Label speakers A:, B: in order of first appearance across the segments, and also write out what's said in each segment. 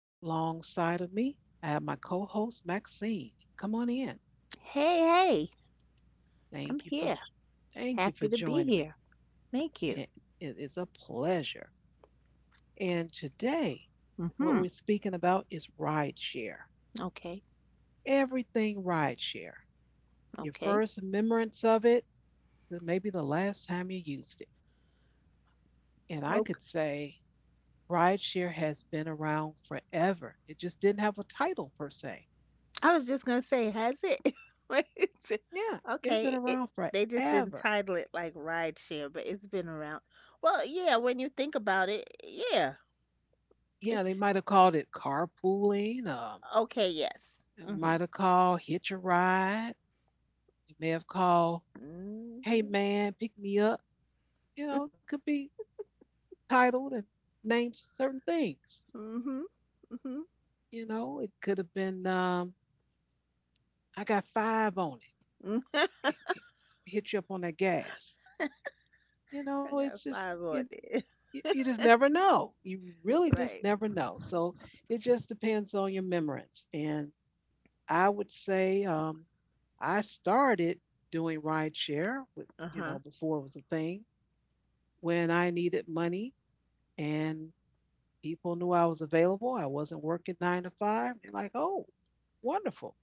A: and alongside of me, I have my co-host Maxine. Come on in.
B: Hey, hey, I'm
A: Thank you
B: here.
A: for Thank you
B: Happy to
A: for
B: be
A: joining
B: here.
A: me.
B: Thank you.
A: It, it is a pleasure. And today, what
B: Mm-hmm.
A: we're speaking about is rideshare.
B: Okay,
A: Everything rideshare. Your
B: okay.
A: first remembrance of it, or maybe the last time you used it. And I
B: Okay.
A: could say rideshare has been around forever. It just didn't have a title per se.
B: I was just gonna say, has it? What is it?
A: Yeah, it's
B: Okay,
A: been around
B: they just
A: forever.
B: entitled it like rideshare, but it's been around. Well, yeah, when you think about it, yeah.
A: Yeah, they
B: It's
A: might have called it carpooling.
B: okay, yes.
A: It
B: Mm-hmm.
A: might have called hitch a ride. It may have called, hey
B: Mm-hmm.
A: man, pick me up. You know, it could be titled and named certain things.
B: Mm-hmm. Mm-hmm.
A: It could have been, I got five on it.
B: Mm.
A: H- h- Hit you up on that gas. You know,
B: I
A: it's
B: got
A: just,
B: five on it.
A: you just never know. You really
B: Right.
A: just never know. So it just depends on your memorance. And I would say I started doing rideshare with
B: Uh-huh.
A: before it was a thing when I needed money and people knew I was available. I wasn't working 9 to 5. They're like, oh, wonderful.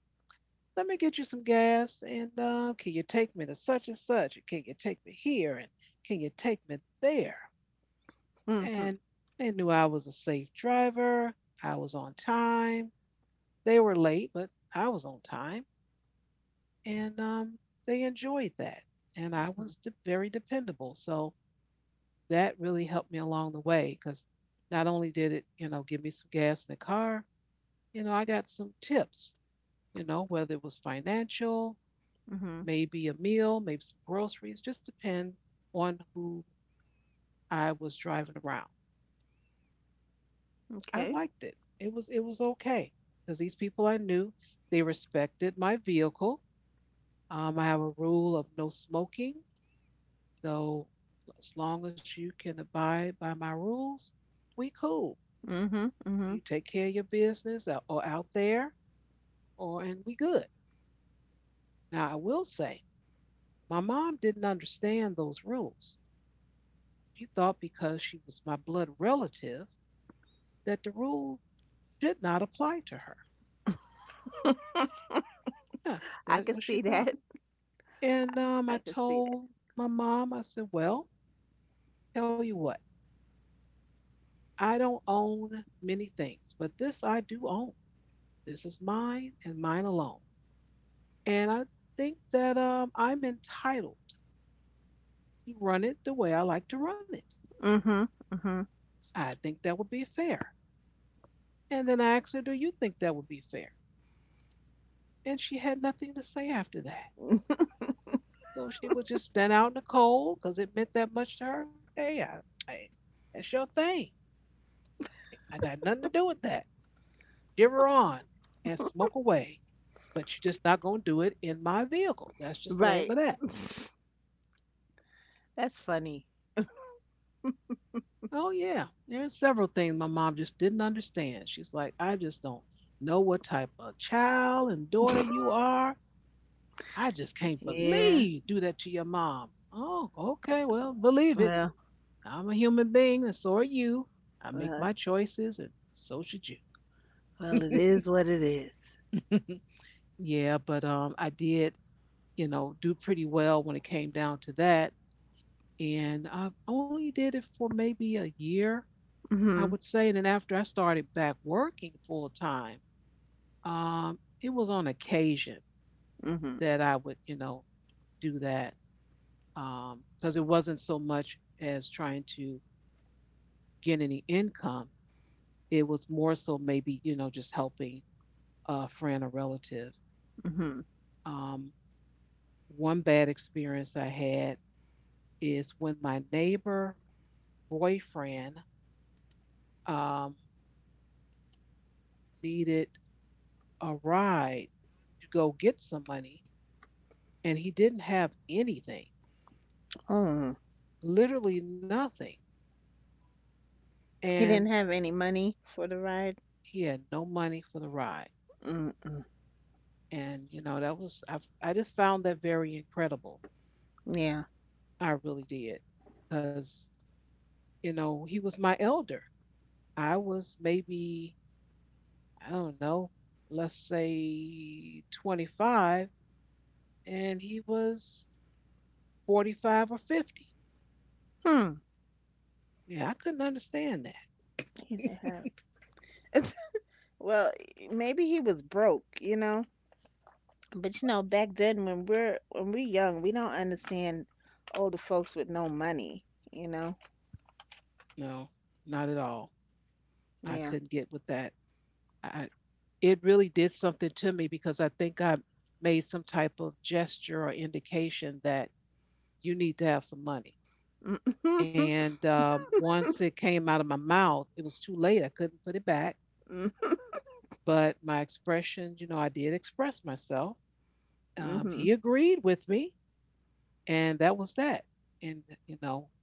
A: Let me get you some gas and can you take me to such and such? And can you take me here? And can you take me there?
B: Mm-hmm.
A: And they knew I was a safe driver. I was on time. They were late, but I was on time. And They enjoyed that. And I
B: Mm-hmm.
A: was very dependable, so that really helped me along the way because not only did it give me some gas in the car, I got some tips, you know, whether it was financial,
B: Mm-hmm.
A: maybe a meal, maybe some groceries, just depends on who I was driving around. I
B: Okay.
A: liked it. It was okay because these people I knew, they respected my vehicle. I have a rule of no smoking. So as long as you can abide by my rules, we cool.
B: Mm-hmm. Mm-hmm.
A: You take care of your business or out there, or and we good. Now I will say, my mom didn't understand those rules. She thought because she was my blood relative that the rule should not apply to her. Yeah,
B: I
A: that's
B: can
A: what she
B: see
A: thought.
B: that.
A: And I
B: I can see
A: told my mom, I said, well, tell you what, I don't own many things, but this I do own. This is mine and mine alone. And I think that I'm entitled to run it the way I like to run it.
B: that. Mm-hmm.
A: I think that would be fair. And then I asked her, do you think that would be fair? And she had nothing to say after that.
B: that.
A: So she would just stand out in the cold because it meant that much to her. Hey, I, that's your thing. I got nothing to do with that. Shiver on and smoke away. But you're just not going to do it in my vehicle. That's just the name of
B: Right.
A: that.
B: That's funny.
A: Oh yeah, there's several things my mom just didn't understand. She's like, I just don't know what type of child and daughter you are. I just can't
B: Yeah.
A: believe you do that to your mom. Oh, okay, well, believe it.
B: Well,
A: I'm a human being, and so are you. I make my
B: well,
A: choices, and so should you.
B: well, it is what it is.
A: Yeah, but I did, you know, do pretty well when it came down to that, and I only did it for maybe a year, I
B: Mm-hmm.
A: would say, and then after I started back working full time. It was on occasion
B: Mm-hmm.
A: that I would, you know, do that because it wasn't so much as trying to get any income. It was more so maybe, you know, just helping a friend or relative.
B: Mm-hmm.
A: Um, One bad experience I had is when my neighbor boyfriend um, needed a ride to go get some money, and he didn't have anything,
B: Oh.
A: literally nothing.
B: He
A: And
B: didn't have any money for the ride.
A: he had no money for the ride.
B: Mm-mm.
A: And, you know, that was, I just found that very incredible.
B: Yeah.
A: I really did. Because, you know, he was my elder. I was maybe, I don't know, let's say 25, and he was 45 or 50.
B: Hmm.
A: Yeah, I couldn't understand that.
B: He didn't have. Well, maybe he was broke, you know. But you know, back then when we're young, we don't understand older folks with no money, you know.
A: No, not at all. I
B: Yeah.
A: couldn't get with that. I, it really did something to me because I think I made some type of gesture or indication that you need to have some money. And once it came out of my mouth, it was too late. I couldn't put it back.
B: mm
A: But my expression, you know, I did express myself.
B: Mhm.
A: He agreed with me, and that was that. And, you know,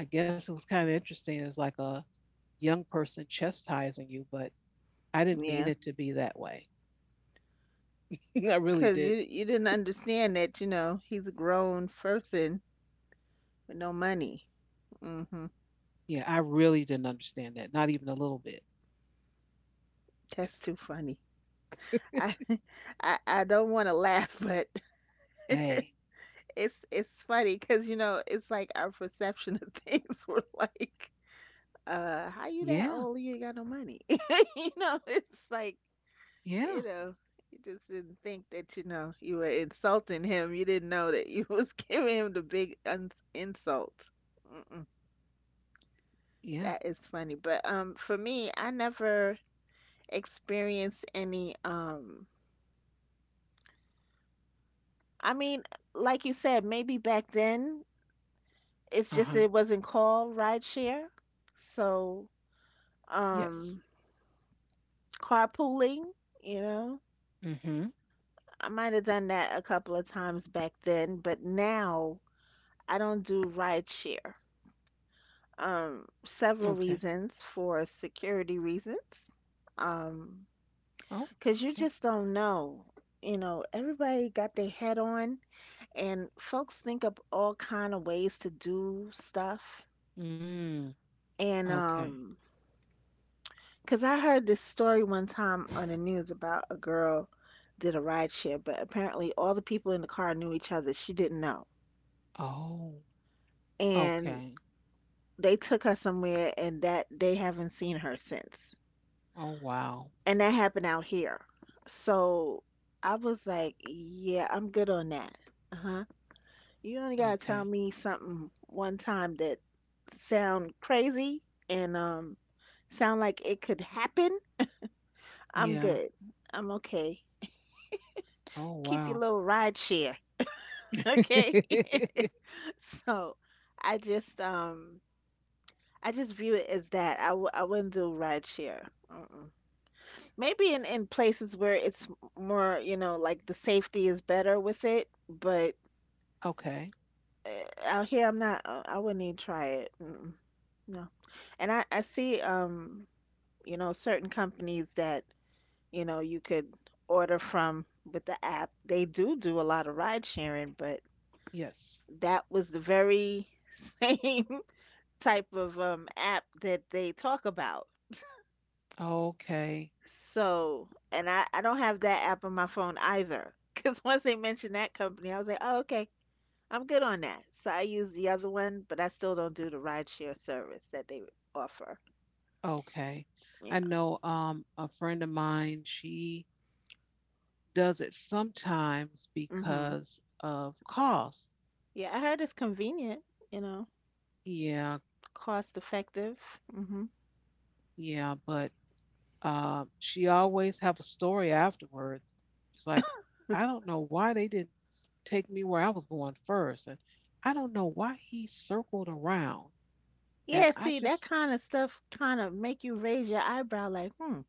A: I guess it was kind of interesting. It was like a young person chastising you, but I didn't mean
B: Yeah,
A: it to be that way. I really
B: cause you
A: did.
B: you didn't understand that, you know, he's a grown person with no money. Mm Mhm.
A: Yeah, I really didn't understand that, not even a little bit.
B: That's too funny. I I don't want to laugh, but
A: Hey,
B: it's funny cause you know, it's like our perception of things were like, how you that
A: yeah,
B: old? You ain't got no money. You know, it's like. You
A: yeah,
B: know, you just didn't think that, you know, you were insulting him. You didn't know that you was giving him the big un insult. Mm-mm.
A: yeah.
B: That is funny. But for me, I never experienced any I mean, like you said, maybe back then it's
A: Uh
B: just it
A: huh.
B: wasn't called rideshare. So,
A: Yes.
B: um, carpooling, you know,
A: Mm hmm.
B: I might have done that a couple of times back then, but now I don't do rideshare. Several
A: Okay.
B: reasons, for security reasons. um,
A: Oh,
B: because you
A: okay.
B: just don't know. You know, everybody got their head on, and folks think up all kind of ways to do stuff.
A: Mm,
B: And
A: okay.
B: because I heard this story one time on the news about a girl did a ride share, but apparently all the people in the car knew each other. She didn't know,
A: Oh,
B: and
A: okay.
B: they took her somewhere, and that they haven't seen her since.
A: Oh, wow.
B: And that happened out here. So I was like, yeah, I'm good on that. Uh-huh. You only gotta tell
A: Okay.
B: me something one time that sound crazy and sound like it could happen. I'm
A: Yeah.
B: good. I'm okay.
A: Oh,
B: Keep your
A: wow.
B: little ride share. Okay. So I just um I just view it as that. I wouldn't do ride share. Mm-mm. Maybe in places where it's more, you know, like the safety is better with it, but
A: Okay.
B: uh, out here I'm not I wouldn't even try it. Mm-mm. No. And I see you know, certain companies that, you know, you could order from with the app, they do do a lot of ride sharing, but
A: Yes.
B: that was the very same type of app that they talk about.
A: Okay.
B: So, and I don't have that app on my phone either because once they mentioned that company I was like, oh, okay, I'm good on that. So I use the other one, but I still don't do the rideshare service that they offer.
A: Okay.
B: Yeah.
A: I know a friend of mine, she does it sometimes
B: Mhm.
A: because of cost.
B: Yeah, I heard it's convenient, you know,
A: Yeah,
B: cost effective. Mhm.
A: yeah, but she always have a story afterwards. She's like, I don't know why they didn't take me where I was going first, and I don't know why he circled around. And
B: Yeah,
A: I
B: see,
A: just
B: that kind of stuff kind of make you raise your eyebrow like, "Hmm,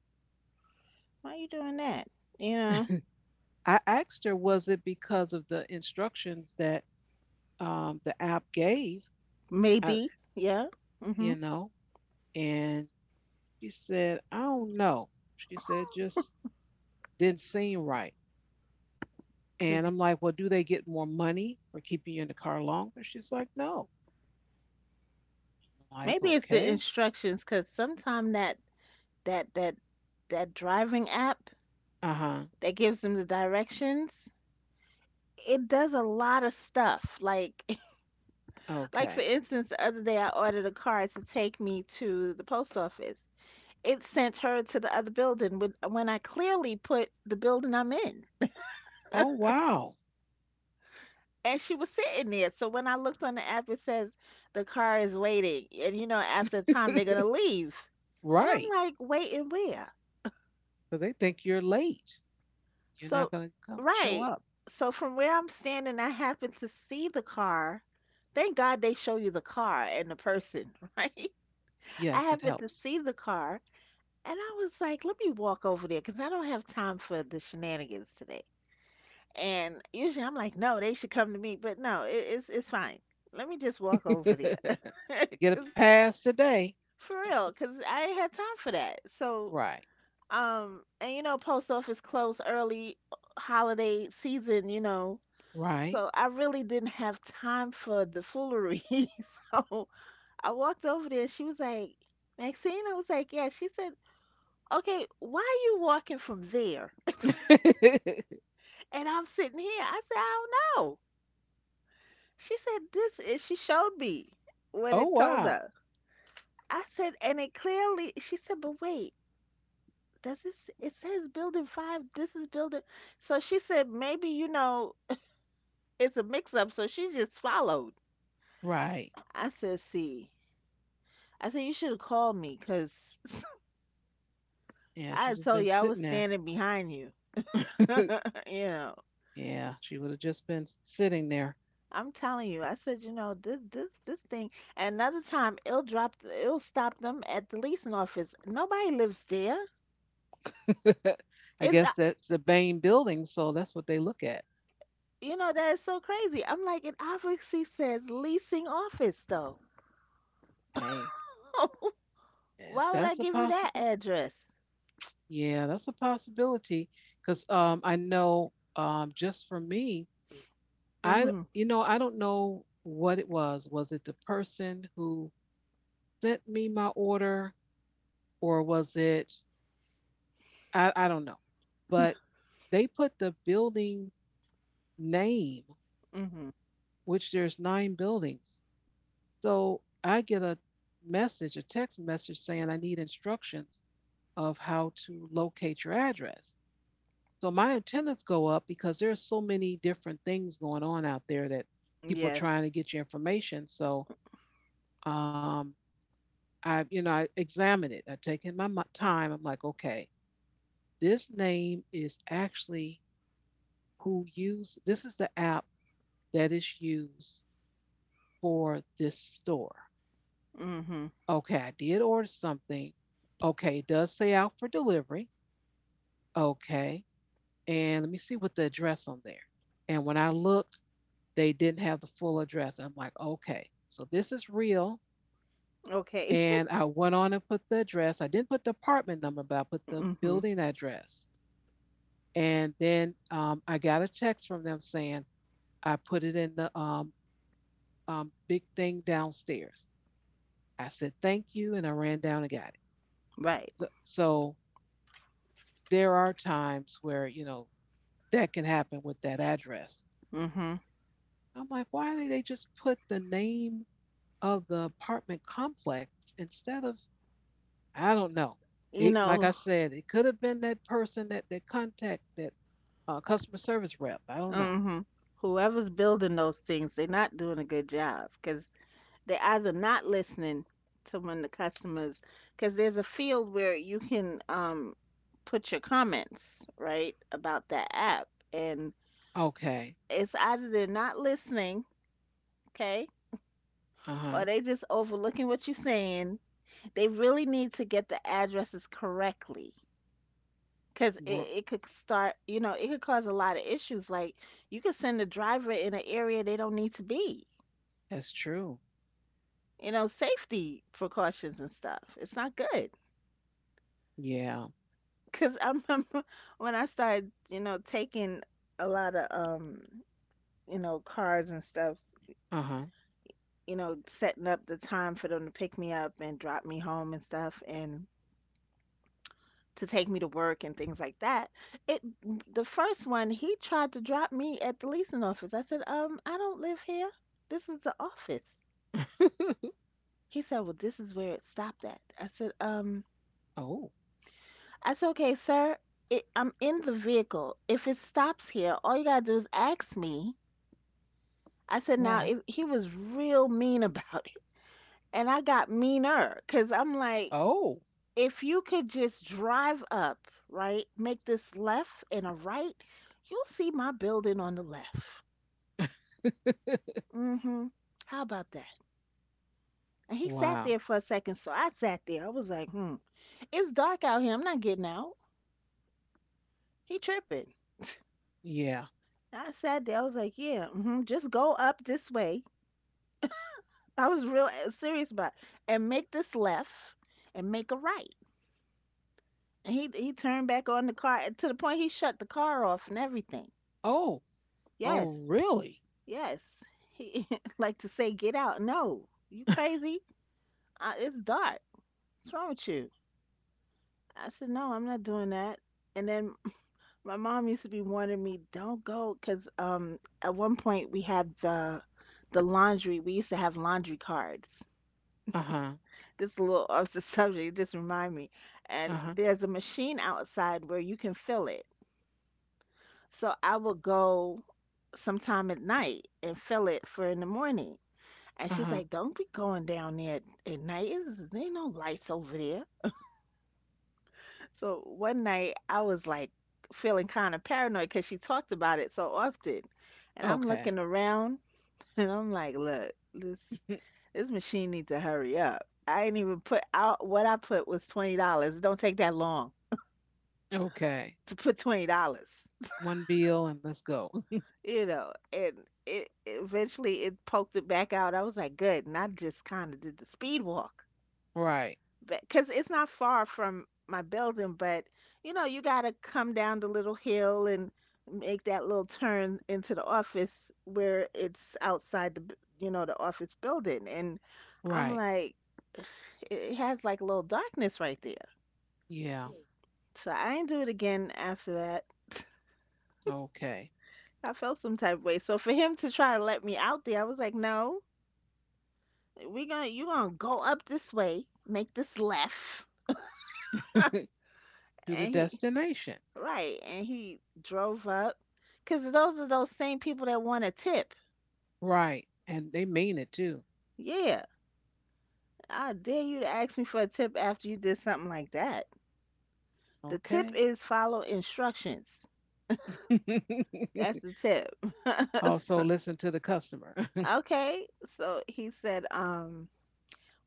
B: why are you doing that?" You know,
A: I asked her, was it because of the instructions that the app gave? I,
B: maybe. Yeah.
A: you
B: Mhm.
A: know, and she said, I don't know. She said,
B: Cause
A: just didn't seem right. And I'm like, well, do they get more money for keeping you in the car longer? She's like, no. I'm like,
B: maybe it's the
A: okay.
B: instructions. Cause sometime that that that that driving app
A: Uh huh.
B: that gives them the directions, it does a lot of stuff. Like for
A: Okay.
B: instance, the other day I ordered a car to take me to the post office. It sent her to the other building when I clearly put the building I'm in.
A: Oh, wow.
B: And she was sitting there. So when I looked on the app, it says the car is waiting. And you know, after a time they're gonna leave. And
A: Right.
B: I'm like, waiting where?
A: Because they think you're late. You're
B: So
A: not going to come show
B: right.
A: up.
B: So from where I'm standing, I happened to see the car. Thank God they show you the car and the person, right? I
A: Yes, it
B: happened to
A: helps.
B: see the car, and I was like, let me walk over there because I don't have time for the shenanigans today. And usually I'm like, no, they should come to me, but no, it's fine. Let me just walk over
A: You
B: there,
A: get a
B: 'Cause-
A: pass today.
B: for real, because I ain't had time for that. So,
A: Right.
B: and you know, post office closed early holiday season, you know, so
A: Right.
B: I really didn't have time for the foolery. So I walked over there. She was like, Maxine, I was like, yeah. She said, okay, why are you walking from there? And I'm sitting here. I said, I don't know. She said, this is, she showed me what
A: Oh,
B: it told
A: wow.
B: her. I said, and it clearly, she said, but wait, does this, it says building 5, this is building. So she said, maybe, you know, it's a mix up. So she just followed.
A: Right.
B: I said, see, I said, you should have called me because
A: Yeah,
B: I
A: she
B: had
A: just
B: told
A: been
B: you I was
A: sitting there.
B: standing behind you, you know.
A: Yeah, she would have just been sitting there.
B: I'm telling you, I said, you know, this thing. Another time, it'll stop them at the leasing office. Nobody lives there.
A: I
B: It's, uh,
A: guess that's the Bain building, so that's what they look at.
B: you know, that is so crazy. I'm like, it obviously says leasing office though.
A: Hey, yes,
B: Why would
A: that's
B: I
A: a
B: give you that
A: possibility.
B: address?
A: Yeah, that's a possibility. Because I know, just for me,
B: Mm-hmm.
A: you know, I don't know what it was. Was it the person who sent me my order, or was it I don't know. But they put the building name,
B: Mm-hmm.
A: which there's 9 buildings. So I get a message, a text message saying I need instructions of how to locate your address. So my attendance go up because there's so many different things going on out there that people
B: Yes.
A: trying to get your information. So um, I, you know, I examine it. I take in my time. I'm like, okay, this name is actually who used. This is the app that is used for this store.
B: Mm-hmm.
A: Okay, I did order something. Okay, it does say out for delivery. Okay, and let me see what the address on there. And when I look, they didn't have the full address. I'm like, okay, so this is real.
B: Okay.
A: And I went on and put the address. I didn't put the apartment number, but I put the
B: Mm-hmm.
A: building address. And then I got a text from them saying, I put it in the big thing downstairs. I said, thank you. And I ran down and got it.
B: Right.
A: So, there are times where, you know, that can happen with that address.
B: Mm-hmm.
A: I'm like, why did they just put the name of the apartment complex instead of I don't know.
B: You
A: It, like I
B: know,
A: said, it could have been that person that contact that customer service rep. I don't know.
B: mm-hmm. Whoever's building those things, they're not doing a good job because they're either not listening to when the customers, because there's a field where you can put your comments right about that app, and
A: Okay.
B: it's either they're not listening, okay,
A: Uh
B: or
A: huh.
B: they just overlooking what you're saying. They really need to get the addresses correctly because
A: Bro-
B: it could start, you know, it could cause a lot of issues, like you could send a driver in an area they don't need to be,
A: That's true.
B: you know, safety precautions and stuff, it's not good.
A: Yeah.
B: Cause I remember when I started, you know, taking a lot of you know, cars and stuff,
A: Uh huh.
B: you know, setting up the time for them to pick me up and drop me home and stuff and to take me to work and things like that. It the first one, he tried to drop me at the leasing office. I said, I don't live here. This is the office." He said, "Well, this is where it stopped at."
A: Oh,
B: I said, "Okay, sir, I'm in the vehicle. If it stops here, all you gotta do is ask me. I said, now
A: right.
B: if he was real mean about it, and I got meaner, because I'm like,
A: Oh,
B: if you could just drive up, right, make this left and a right, you'll see my building on the left. Mm-hmm. How about that? And he sat there
A: wow.
B: for a second, so I sat there. I was like, hmm, it's dark out here. I'm not getting out. He tripping.
A: Yeah.
B: I sat there. I was like, yeah, mm-hmm. Just go up this way. I was real serious about it. And make this left and make a right. And he turned back on the car to the point he shut the car off and everything.
A: Oh, oh,
B: Yes,
A: really?
B: yes. He like to say, "Get out!" No, you crazy? It's dark. What's wrong with you? I said, "No, I'm not doing that." And then my mom used to be warning me, "Don't go," because at one point we had the laundry. We used to have laundry cards.
A: Uh huh.
B: This is a little off the subject. It just remind me.
A: Uh
B: And
A: huh.
B: there's a machine outside where you can fill it. So I would go sometime at night and fill it for in the morning. And
A: Uh
B: she's
A: huh.
B: like, Don't be going down there at night. It's, there ain't no lights over there. So one night I was like feeling kind of paranoid because she talked about it so often. And I'm
A: Okay.
B: looking around and I'm like, Look, this machine needs to hurry up. I ain't even put out what I put was $20. It don't take that long
A: Okay.
B: to put $20.
A: One bill and let's go.
B: You know, and it eventually it poked it back out. I was like, good. And I just kind of did the speed walk
A: Right.
B: because it's not far from my building, but you know, you got to come down the little hill and make that little turn into the office where it's outside the, you know, the office building. And I'm
A: Right.
B: like, it has like a little darkness right there.
A: Yeah.
B: So I didn't do it again after that.
A: Okay.
B: I felt some type of way. So for him to try to let me out there, I was like, no, we gonna you gonna go up this way, make this left,
A: To the
B: and he
A: destination.
B: right, and he drove up, cause those are those same people that want a tip.
A: Right. And they mean it too.
B: Yeah, I dare you to ask me for a tip after you did something like that. The tip
A: Okay.
B: is follow instructions. That's the tip.
A: Also
B: So-
A: listen to the customer.
B: okay, so he said,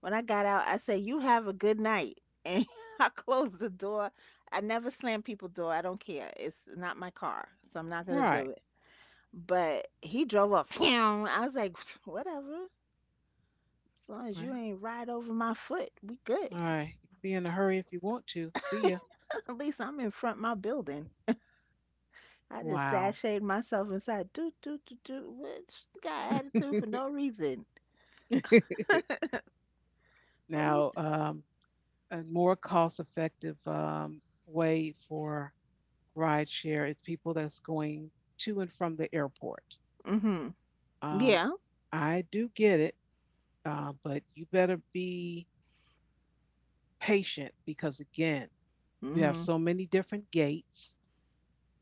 B: when I got out, I said, "You have a good night," and I closed the door. I never slam people door. I don't care. It's not my car, so I'm not gonna
A: Right.
B: do. But he drove up. Phew. I was like, whatever. As long as you
A: Right.
B: ain't ride over my foot, we good.
A: All right. You can be in a hurry if you want to. See ya.
B: At least I'm in front of my building. I just
A: Wow.
B: sashayed myself inside. Do do do do. Which got attitude for no reason. Oh,
A: Now,
B: you.
A: a more cost effective way for rideshare is people that's going to and from the airport.
B: Mhm.
A: Um,
B: Yeah.
A: I do get it, but you better be patient because, again, you have
B: Mhm.
A: so many different gates.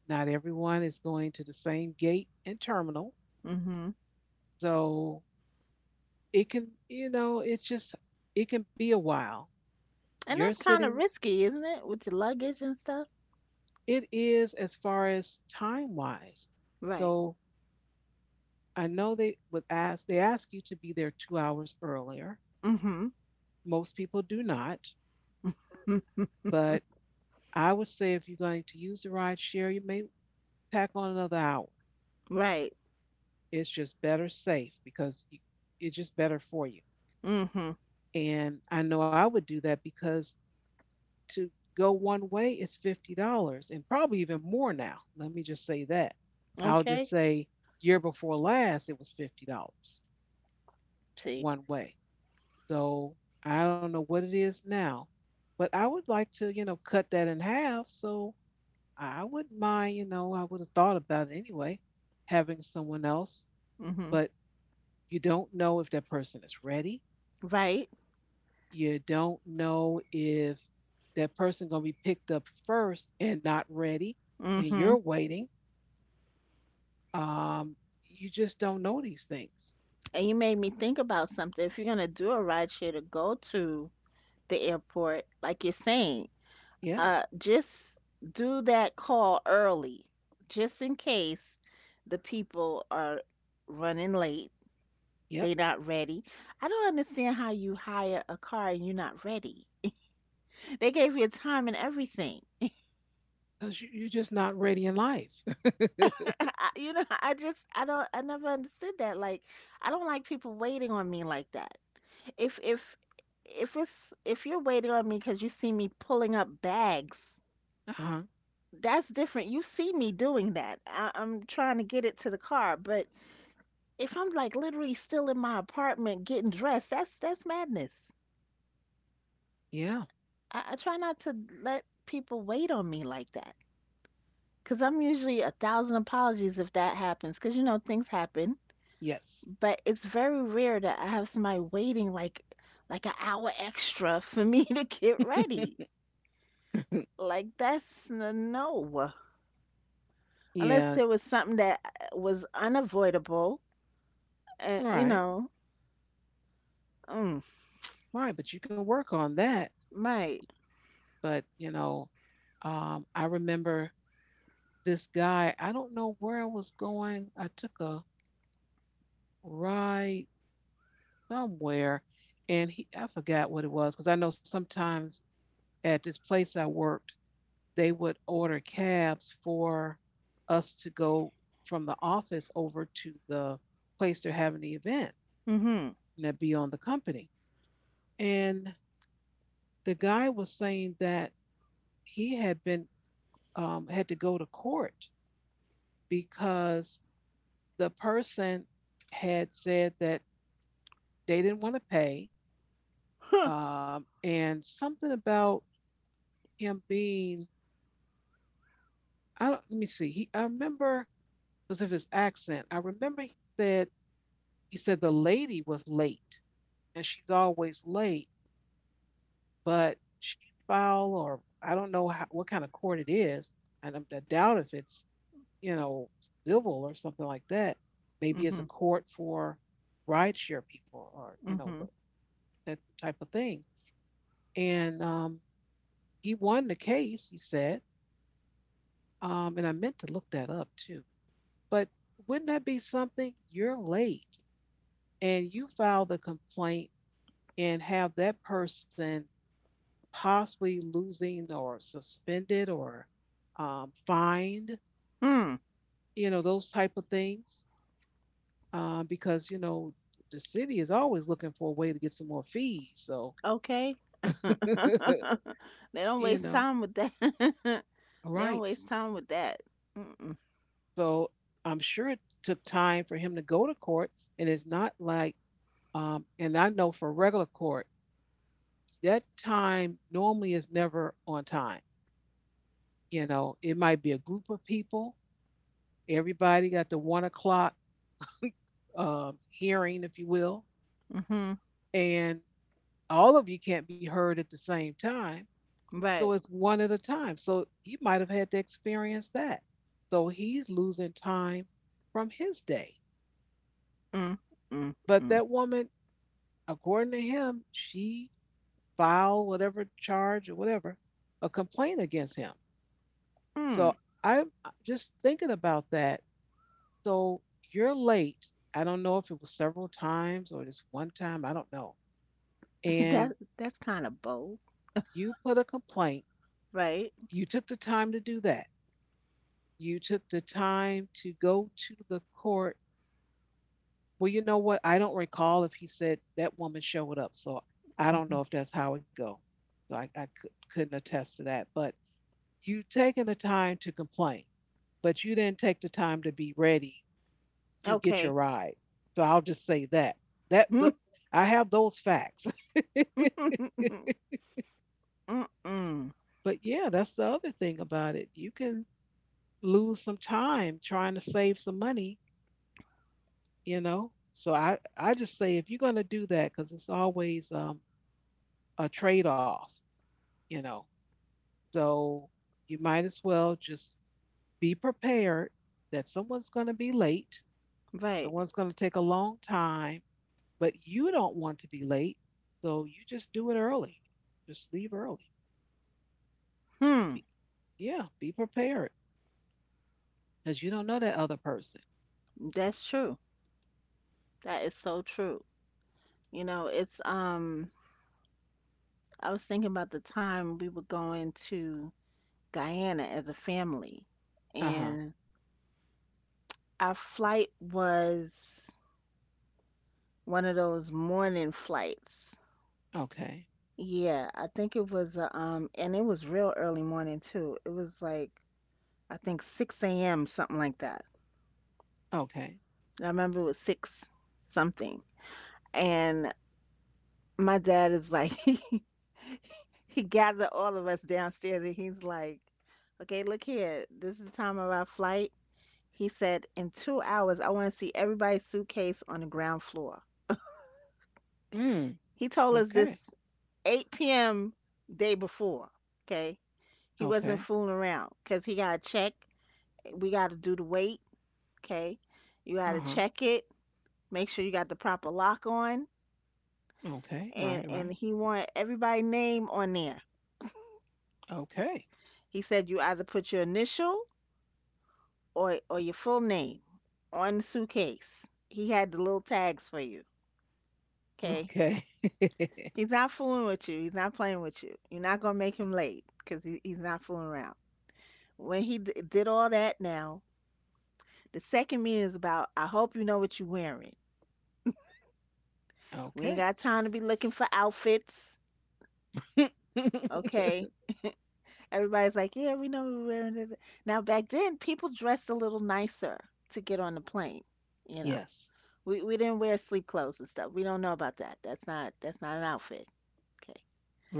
A: Not everyone is going to the same gate and terminal.
B: Mhm.
A: So it can, you know, it's just, it can be a while.
B: And
A: You're
B: that's kind of
A: sitting,
B: risky, isn't it, with your luggage and stuff?
A: it is as far as time wise.
B: Right.
A: So I know they would ask, they ask you to be there 2 hours earlier.
B: Mhm.
A: Most people do not, but I would say if you're going to use the ride share, you may tack on another hour.
B: Right.
A: It's just better safe because it's just better for you.
B: Mhm.
A: And I know I would do that because to go one way is $50 and probably even more now. Let me just say that. I'll just
B: Okay.
A: say year before last, it was $50
B: See.
A: one way. So I don't know what it is now, but I would like to, cut that in half. So I wouldn't mind, I would have thought about it anyway, having someone else,
B: Mhm.
A: but you don't know if that person is ready.
B: Right.
A: You don't know if that person going to be picked up first and not ready, and you're
B: Mm-hmm.
A: waiting. Um, you just don't know these things.
B: And you made me think about something. If you're gonna do a ride share to go to the airport, like you're saying,
A: Yeah.
B: just do that call early, just in case the people are running late. They
A: Yep.
B: not ready. I don't understand how you hire a car and you're not ready. They gave you a time and everything.
A: Because you're just not ready in life. Uh
B: I just I don't I never understood that. Like, I don't like people waiting on me like that. If if if you're waiting on me because you see me pulling up bags,
A: huh.
B: that's different. You see me doing that. I'm trying to get it to the car, but if I'm like literally still in my apartment getting dressed, that's madness.
A: Yeah.
B: I try not to let people wait on me like that because I'm usually a thousand apologies if that happens because you know things happen.
A: Yes.
B: But it's very rare that I have somebody waiting like an hour extra for me to get ready. Like that's no. Unless
A: Yeah.
B: there was something that was unavoidable, and you
A: Right.
B: know, mm,
A: Right. But you can work on that.
B: right.
A: But, I remember this guy. I don't know where I was going. I took a ride somewhere, and he I forgot what it was because I know sometimes at this place I worked, they would order cabs for us to go from the office over to the place they're having the event,
B: Mhm.
A: and that'd be on the company. And the guy was saying that he had been had to go to court because the person had said that they didn't want to pay,
B: Huh.
A: and something about him being I let me see. I remember because of his accent. I remember he said He said the lady was late, and she's always late, but she filed or I don't know how, what kind of court it is, I doubt if it's, you know, civil or something like that. Maybe it's
B: Mhm.
A: a court for rideshare people or you know
B: Mhm.
A: the, that type of thing. And he won the case. He said, and I meant to look that up too, but wouldn't that be something? You're late, and you file the complaint and have that person possibly losing or suspended or fined,
B: Hmm.
A: you know, those type of things, because you know the city is always looking for a way to get some more fees. So
B: Okay. They don't
A: you
B: waste
A: know,
B: time with that. They don't
A: rights.
B: waste time with that. Mm-mm.
A: So I'm sure it took time for him to go to court, and it's not like, and I know for regular court, that time normally is never on time. You know, it might be a group of people. Everybody got the 1 o'clock hearing, if you will,
B: Mhm.
A: and all of you can't be heard at the same time. So
B: Right.
A: it's one at a time. So you might have had to experience that. So he's losing time from his day.
B: Mm. Mm.
A: But
B: Mm.
A: that woman, according to him, she filed whatever charge or whatever, a complaint against him.
B: Mm.
A: So I'm just thinking about that. So you're late. I don't know if it was several times or just one time, I don't know.
B: That
A: And
B: that's kind of bold,
A: you put a complaint,
B: right?
A: you took the time to do that. You took the time to go to the court. Well, you know what? I don't recall if he said that woman showed up. So I don't know
B: Mhm.
A: if that's how it go. So I could, couldn't attest to that. But you taken the time to complain, but you didn't take the time to be ready to get your
B: Okay.
A: ride. So I'll just say that. That th- I have those facts.
B: Mm-mm.
A: But yeah, that's the other thing about it. You can lose some time trying to save some money, you know. So I just say if you're going to do that cuz it's always a trade-off, you know. So you might as well just be prepared that someone's going to be late,
B: Right.
A: someone's going to take a long time, but you don't want to be late, so you just do it early. Just leave early.
B: Hmm.
A: Be, yeah, be prepared because you don't know that other person.
B: That's true. That is so true. You know, it's I was thinking about the time we were going to Guyana as a family
A: Uh huh.
B: and our flight was one of those morning flights.
A: Okay.
B: Yeah, I think it was a, and it was real early morning too. It was like I think 6 a.m. something like that.
A: Okay.
B: I remember it was 6 something. And my dad is like he gathered all of us downstairs and he's like, okay, look here. This is the time of our flight. He said, in 2 hours, I want to see everybody's suitcase on the ground floor.
A: Mm.
B: He told us
A: Okay.
B: this 8 p.m. day before. Okay. He wasn't
A: Okay.
B: fooling around because he got to check. We got to do the weight. Okay. You got
A: Uh
B: to
A: huh.
B: check it. Make sure you got the proper lock on.
A: Okay. Right.
B: And
A: Right.
B: he wanted everybody name on there.
A: Okay.
B: He said, you either put your initial or your full name on the suitcase. He had the little tags for you. Okay.
A: Okay.
B: He's not fooling with you. He's not playing with you. You're not gonna make him late because he's not fooling around. When he did all that, now the second meeting is about. I hope you know what you're wearing. We ain't got
A: Okay.
B: time to be looking for outfits. Okay. Everybody's like, yeah, we know we're wearing this. Now back then, people dressed a little nicer to get on the plane. You know,
A: Yes.
B: we didn't wear sleep clothes and stuff. We don't know about that. That's not an outfit. Okay,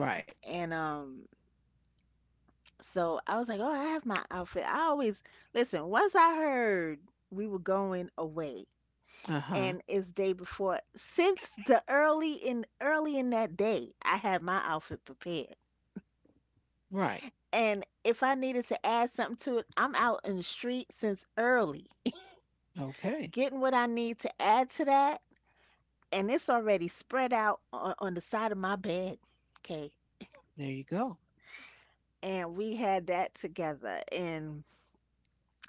A: Right.
B: and, so I was like, "Oh, I have my outfit." I always listen, once I heard we were going away
A: Uh
B: and
A: huh.
B: it's day before, since the early in that day, I had my outfit prepared.
A: Right.
B: And if I needed to add something to it, I'm out in the street since early,
A: Okay.
B: getting what I need to add to that, and it's already spread out on the side of my bed. Okay.
A: There you go.
B: And we had that together. And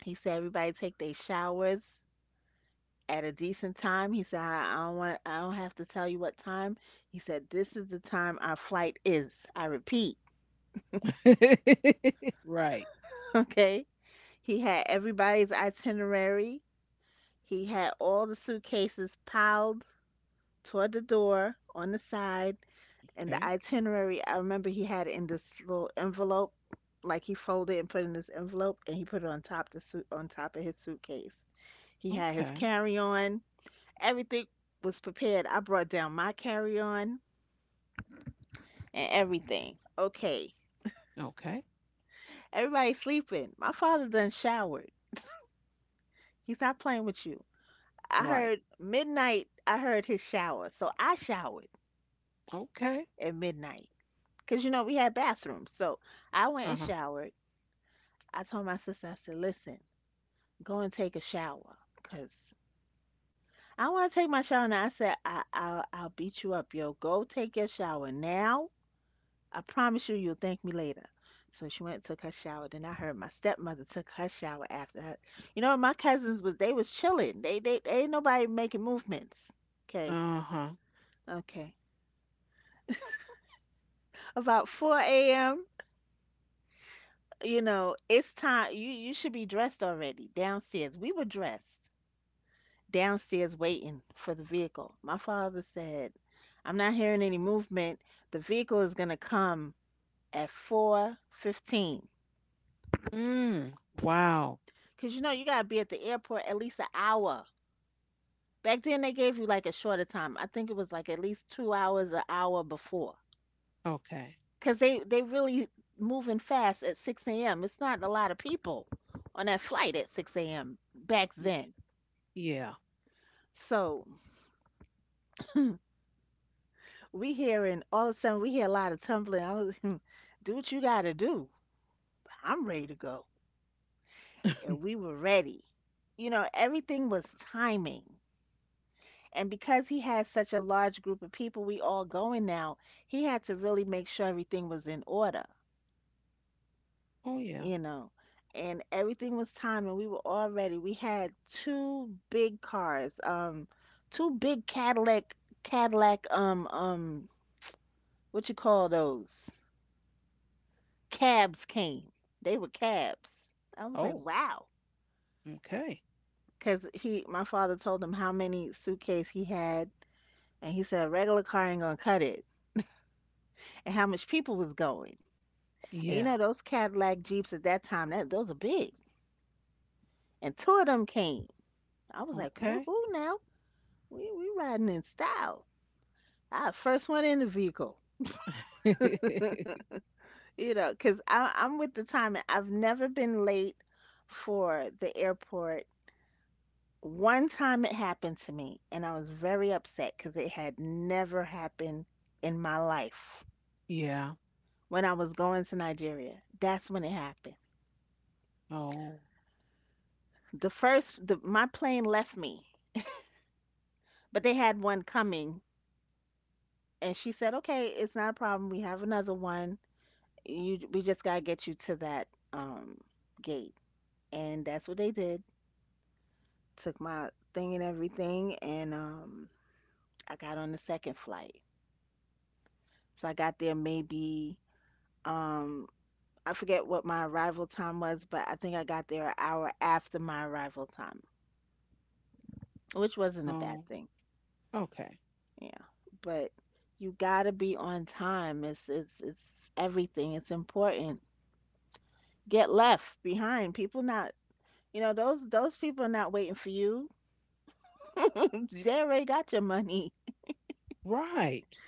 B: he said everybody take their showers at a decent time. He said, I don't want, I don't have to tell you what time. He said, this is the time our flight is. I repeat,
A: Right.
B: okay? He had everybody's itinerary. He had all the suitcases piled toward the door on the side, and the
A: Okay.
B: itinerary. I remember he had it in this little envelope, like he folded and put in this envelope, and he put it on top the suit on top of his suitcase. He had his
A: Okay.
B: carry on. Everything was prepared. I brought down my carry on and everything. Okay.
A: Okay.
B: Everybody's sleeping. My father done showered. He's not playing with you. I heard
A: Right.
B: midnight, I heard his shower. So I showered
A: Okay.
B: at midnight. Because, you know, we had bathrooms. So I went
A: Uh
B: and
A: huh.
B: showered. I told my sister, I said, listen, go and take a shower. Because I want to take my shower now. I said, I'll beat you up, yo. Go take your shower now. I promise you, you'll thank me later. So she went and took her shower. Then I heard my stepmother took her shower after her. You know, my cousins was they was chilling. They ain't nobody making movements. Okay,
A: Uh-huh.
B: okay. About four a.m. You know, it's time. You should be dressed already downstairs. We were dressed downstairs waiting for the vehicle. My father said, "I'm not hearing any movement. The vehicle is gonna come at 4:15.
A: Mm. Wow.
B: Cause you know you gotta be at the airport at least an hour." Back then they gave you like a shorter time. I think it was like at least 2 hours, an hour before,
A: Okay.
B: because they really moving fast at 6 a.m. It's not a lot of people on that flight at 6 a.m. back
A: Y-
B: then.
A: yeah.
B: So we hearing all of a sudden we hear a lot of tumbling. I was, do what you gotta do. I'm ready to go, and we were ready. You know, everything was timing. And because he had such a large group of people, we all going now, he had to really make sure everything was in order.
A: Oh yeah.
B: You know, and everything was timed and we were all ready. We had two big cars, two big Cadillac, what you call those? Cabs came. They were cabs. I was like,
A: Oh,
B: wow.
A: okay.
B: Because my father told him how many suitcase he had, and he said, a regular car ain't gonna cut it, and how much people was going.
A: Yeah.
B: And you know, those Cadillac Jeeps at that time, that those are big. And two of them came. I was like,
A: Okay.
B: woohoo now. We riding in style. I first one in the vehicle, you know, because I'm with the timing. I've never been late for the airport. One time it happened to me, and I was very upset because it had never happened in my life.
A: Yeah.
B: When I was going to Nigeria, that's when it happened.
A: Oh.
B: My plane left me, but they had one coming, and she said, "Okay, it's not a problem. We have another one. We just gotta get you to that um, gate." And that's what they did. Took my thing and everything, and I got on the second flight. So I got there maybe um, I forget what my arrival time was, but I think I got there an hour after my arrival time, which wasn't a bad
A: Oh.
B: thing.
A: Okay.
B: Yeah, but you gotta be on time. It's everything. It's important. Get left behind. People not. You know those people are not waiting for you. They already got your money.
A: Right.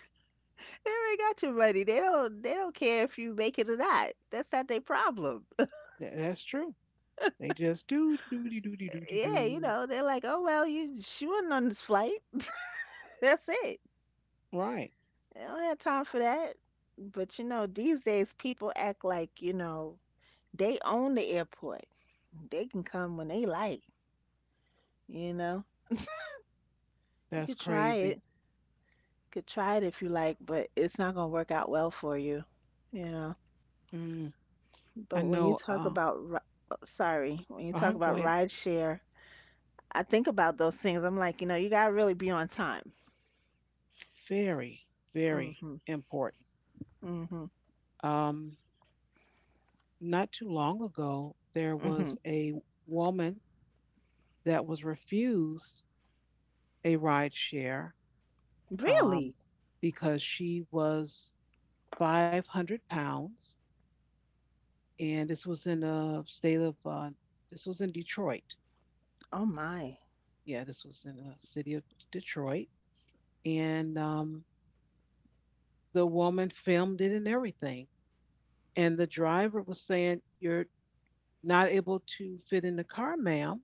B: They already got your money. They don't care if you make it or not. That's not their problem.
A: tha- that's true. They just do do do do do do
B: Yeah, you
A: do.
B: know, they're like, oh well, you she wasn't on this flight. That's it.
A: Right.
B: They don't have time for that. But you know, these days people act like, you know, they own the airport. They can come when they like, you know. You
A: That's
B: could try
A: crazy.
B: it. Could try it if you like, but it's not gonna work out well for you, you know.
A: Mm. I
B: But when
A: know.
B: you talk about,
A: Uh huh. Go ahead.
B: rideshare, I think about those things. I'm like, you know, you gotta really be on time.
A: Very,
B: Mm
A: very
B: Mhm.
A: important.
B: mm Mhm.
A: Um. Not too long ago, there
B: mm
A: was
B: Mhm.
A: a woman that was refused a ride share um,
B: Really?
A: because she was 500 pounds, and this was in a state of this was in Detroit.
B: Oh my.
A: Yeah, this was in the city of Detroit, and the woman filmed it and everything. And the driver was saying, "You're not able to fit in the car, ma'am.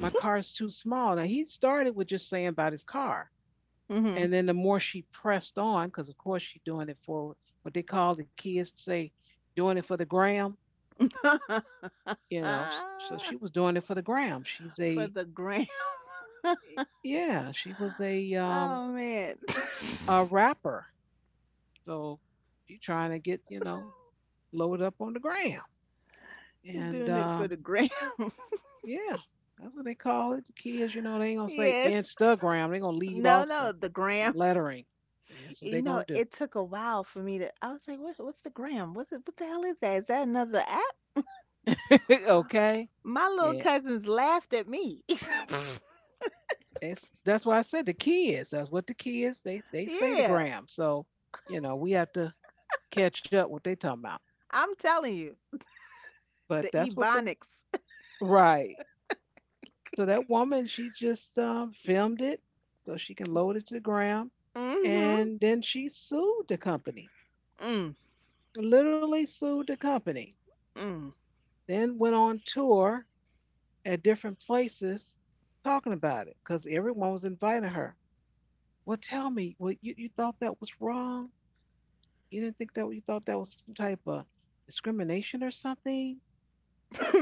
A: My car is too small." Now he started with just saying about his car,
B: Mm
A: and then the more she pressed on, because of course she doing it for what they call the kids to say, doing it for the gram,
B: Mhm.
A: you know. So she was doing it for the gram. She's
B: for
A: a
B: the gram.
A: Yeah, she was
B: Oh man.
A: a rapper. So she trying to get, you know, load up on the gram.
B: You're
A: And
B: doing it for the gram.
A: yeah, that's what they call it. The kids, you know, they ain't gonna say
B: Yes.
A: Instagram. They're gonna leave
B: No,
A: off
B: no, the
A: some
B: gram.
A: lettering. That's what
B: You
A: they
B: know,
A: gonna do.
B: it took a while for me to. I was like, what's the gram? What the hell is that? Is that another app?
A: Okay.
B: My little
A: Yeah.
B: cousins laughed at me.
A: It's that's why I said the kids. That's what the kids they say the
B: Yeah,
A: gram. So you know we have to catch up what they talking about.
B: I'm telling you,
A: But
B: the
A: that's what the
B: ebonics.
A: right. So that woman she just filmed it so she can load it to the gram,
B: Mhm.
A: and then she sued the company.
B: Mm.
A: Literally sued the company.
B: Mm.
A: Then went on tour at different places talking about it because everyone was inviting her. Well, tell me, well, you thought that was wrong? You didn't think that you thought that was some type of discrimination or something?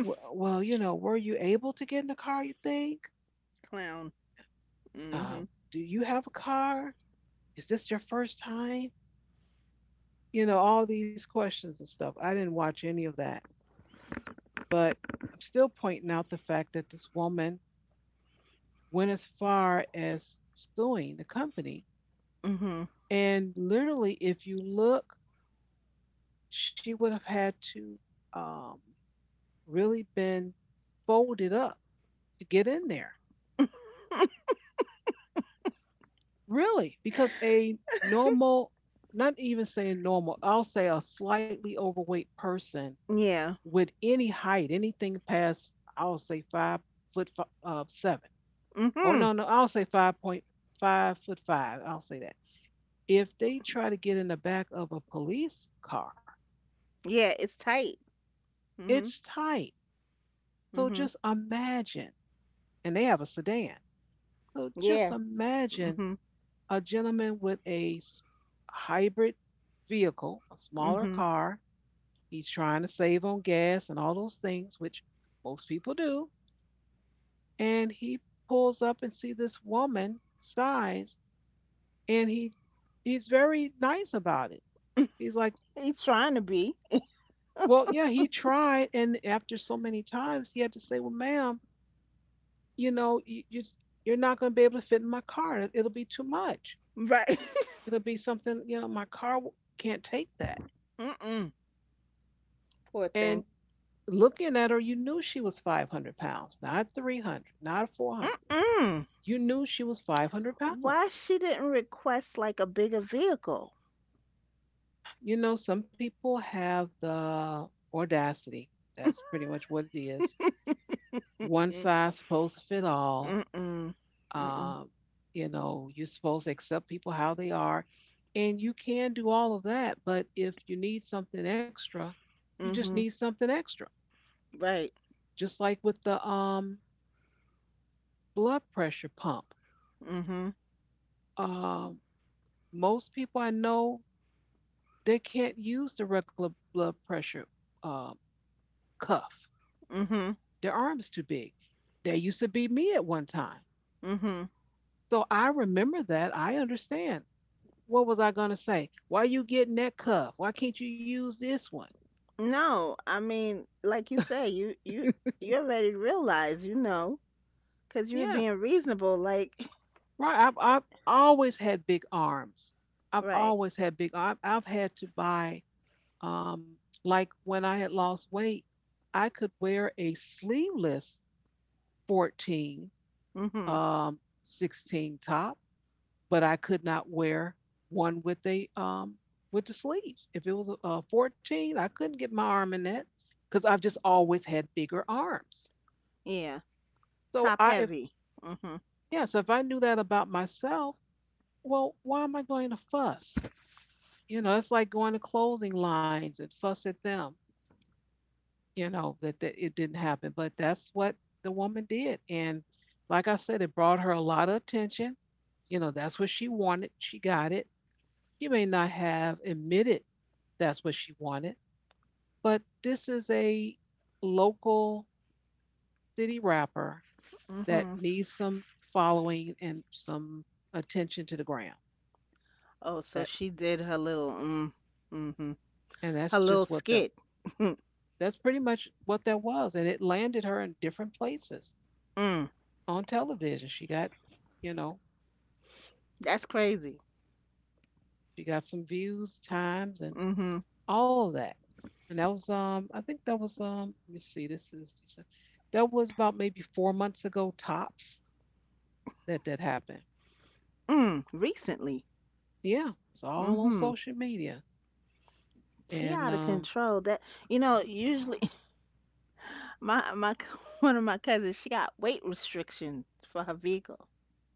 A: Well, well, you know, were you able to get in a car, you think?
B: Clown.
A: Um,
B: Mhm.
A: do you have a car? Is this your first time? You know, all these questions and stuff. I didn't watch any of that, but I'm still pointing out the fact that this woman went as far as suing the company.
B: Mhm.
A: And literally, if you look, she would have had to um, really been folded up to get in there. Really, because a normal, not even saying normal, I'll say a slightly overweight person
B: Yeah.
A: with any height, anything past, I'll say 5 foot seven, or no,
B: Mhm.
A: no, I'll say five point five foot five. I'll say that. If they try to get in the back of a police car,
B: Yeah, it's tight.
A: it's
B: Mhm.
A: tight. So just
B: Mhm.
A: imagine, and they have a sedan. So
B: Yeah.
A: just imagine
B: Mhm.
A: a gentleman with hybrid vehicle, a smaller
B: Mhm.
A: car. He's trying to save on gas and all those things, which most people do. And he pulls up and see this woman size, and he's very nice about it. He's like,
B: He's trying to be.
A: well, yeah, he tried, and after so many times, he had to say, well, ma'am, you know, you you're not going to be able to fit in my car. It- will be too much.
B: Right.
A: It'll be something, you know, my car can't take that.
B: Mm-mm. Poor
A: And
B: thing.
A: looking at her, you knew she was 500 pounds, not 300, not 400.
B: Mm-mm.
A: You knew she was 500
B: Why
A: pounds.
B: she didn't request like a bigger vehicle?
A: You know, some people have the audacity. That's pretty much what it is. One
B: Mm-
A: size supposed to fit all.
B: Mm-mm. Mm-mm.
A: Um, you know, you're supposed to accept people how they are. And you can do all of that. But if you need something extra, you just need
B: Mhm.
A: something extra.
B: Right.
A: Just like with the blood pressure pump.
B: Mhm.
A: Um, Most people I know, they can't use the regular blood pressure uh, cuff.
B: Mhm.
A: Their arms too big. They used to be me at one time.
B: Mhm.
A: So I remember that. I understand. What was I going to say? Why are you getting that cuff? Why can't you use this one?
B: No, I mean, like you say, you you already realize, you know, because you were
A: Yeah,
B: being reasonable. Like,
A: right. I've always had big arms. I've
B: right.
A: always had big arms. I've had to buy, um, like when I had lost weight, I could wear a sleeveless 14,
B: Hmm.
A: um, 16 top but I could not wear one with the sleeves. If it was a 14, I couldn't get my arm in that because I've just always had bigger arms.
B: Yeah.
A: So
B: Top
A: I if
B: heavy. Hmm.
A: Yeah, so if I knew that about myself, well, why am I going to fuss? You know, it's like going to clothing lines and fuss at them, you know, that it didn't happen. But that's what the woman did. And like I said, it brought her a lot of attention. You know, that's what she wanted. She got it. She may not have admitted that's what she wanted, but this is a local city rapper that
B: Hmm.
A: needs some following and some attention to the ground.
B: Oh, so
A: That
B: she did her little, mm, hmm,
A: And that's
B: her
A: just
B: little
A: what
B: skit.
A: that's pretty much what that was. And it landed her in different places
B: Mm.
A: on television. She got, you know,
B: That's crazy.
A: she got some views, times, and
B: Hmm.
A: all of that. And that was I think that was let me see, this is that was about maybe 4 months ago tops that happen.
B: Mm. Recently.
A: Yeah, it's all on
B: Hmm.
A: social media.
B: She
A: And
B: out of control. That you know, usually my one of my cousins, she got weight restriction for her vehicle.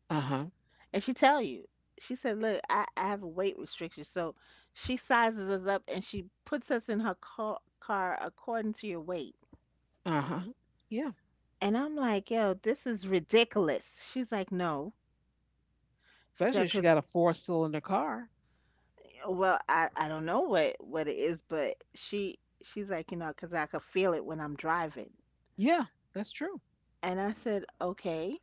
A: uh huh,
B: And she tell you, she said, "Look, I have a weight restriction." So she sizes us up and she puts us in her car according to your weight.
A: uh huh. Yeah,
B: And I'm like, "Yo, this is ridiculous." She's like, "No." She
A: especially
B: said,
A: if she
B: "Cause
A: got a four-cylinder car.
B: well, I don't know what it is, but she's like, you know, cause I could feel it when I'm driving."
A: Yeah, that's true.
B: And I said, "Okay."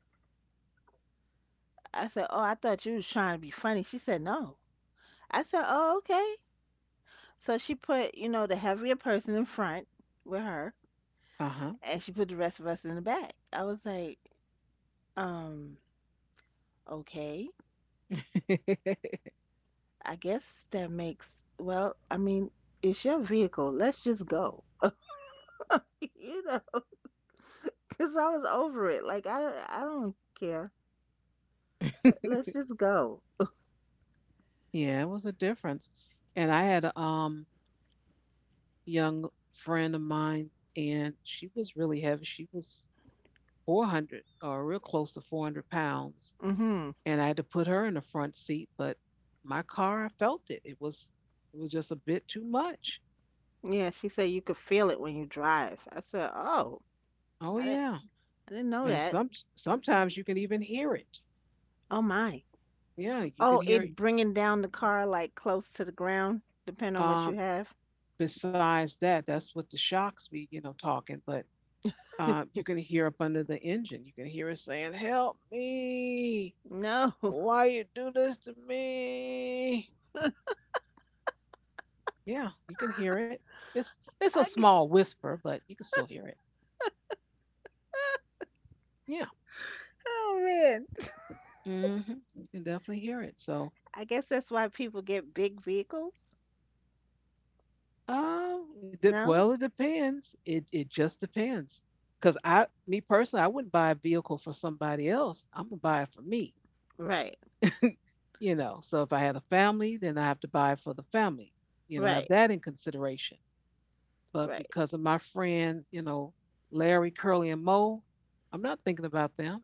B: I said, "Oh, I thought you was trying to be funny." She said, "No." I said, "Oh, okay." So she put, you know, the heavier person in front with her
A: Uh huh.
B: and she put the rest of us in the back. I was like, um, okay, I guess that makes, well, I mean, it's your vehicle. Let's just go. You know, because I was over it. Like, I don't care. Let's just go.
A: Yeah, it was a difference. And I had a young friend of mine, and she was really heavy. She was 400 or real close to 400 pounds,
B: Hmm.
A: and I had to put her in the front seat. But my car, I felt it. It was just a bit too much.
B: Yeah, she said you could feel it when you drive. I said, oh,
A: Oh
B: I didn't,
A: yeah,
B: I didn't know
A: and
B: that.
A: some sometimes you can even hear it.
B: Oh my.
A: Yeah, you
B: Oh,
A: can hear
B: it
A: it.
B: bringing down the car like close to the ground, depending on what you
A: Um,
B: have.
A: Besides that, that's what the shocks be, you know, talking. But you can hear up under the engine. You can hear it saying, "Help me!
B: No.
A: Why you do this to me?" Yeah, you can hear it. It's a
B: I,
A: small whisper, but you can still hear it. Yeah,
B: oh man,
A: hmm, you can definitely hear it. So
B: I guess that's why people get big vehicles. No?
A: Well, it depends. It just depends. Cause me personally, I wouldn't buy a vehicle for somebody else. I'm gonna buy it for me.
B: Right,
A: You know. So if I had a family, then I have to buy it for the family. You know, have
B: right,
A: that in consideration. But
B: right,
A: because of my friend, you know, Larry, Curly, and Mo, I'm not thinking about them.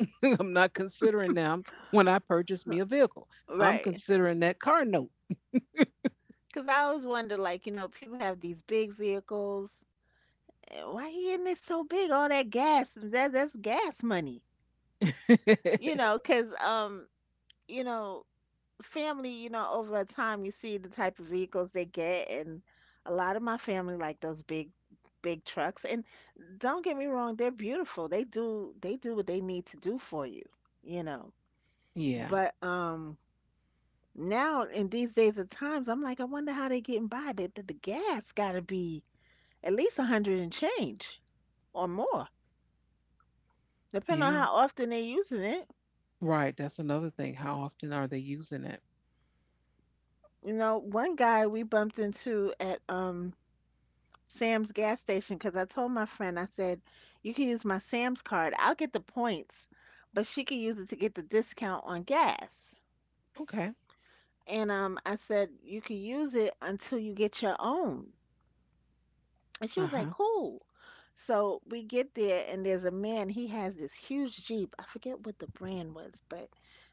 A: I'm not considering them when I purchase me a vehicle. I'm
B: right.
A: considering that car note.
B: Because I always wonder, like, you know, people have these big vehicles. Why you getting it so big? All that gas, that's gas money. You know, because, you know, family, you know, over time you see the type of vehicles they get. And a lot of my family like those big trucks. And don't get me wrong, they're beautiful. They do what they need to do for you, you know.
A: Yeah.
B: But, now in these days of times, I'm like, I wonder how they getting by. The gas got to be at least a hundred and change or more, depending on
A: Yeah.
B: how often they're using it.
A: Right. That's another thing. How often are they using it?
B: You know, one guy we bumped into at Sam's gas station because I told my friend, I said, you can use my Sam's card. I'll get the points, but she can use it to get the discount on gas.
A: Okay.
B: And I said, you can use it until you get your own. And she was
A: Uh-huh.
B: like, cool. So we get there, and there's a man. He has this huge Jeep. I forget what the brand was, but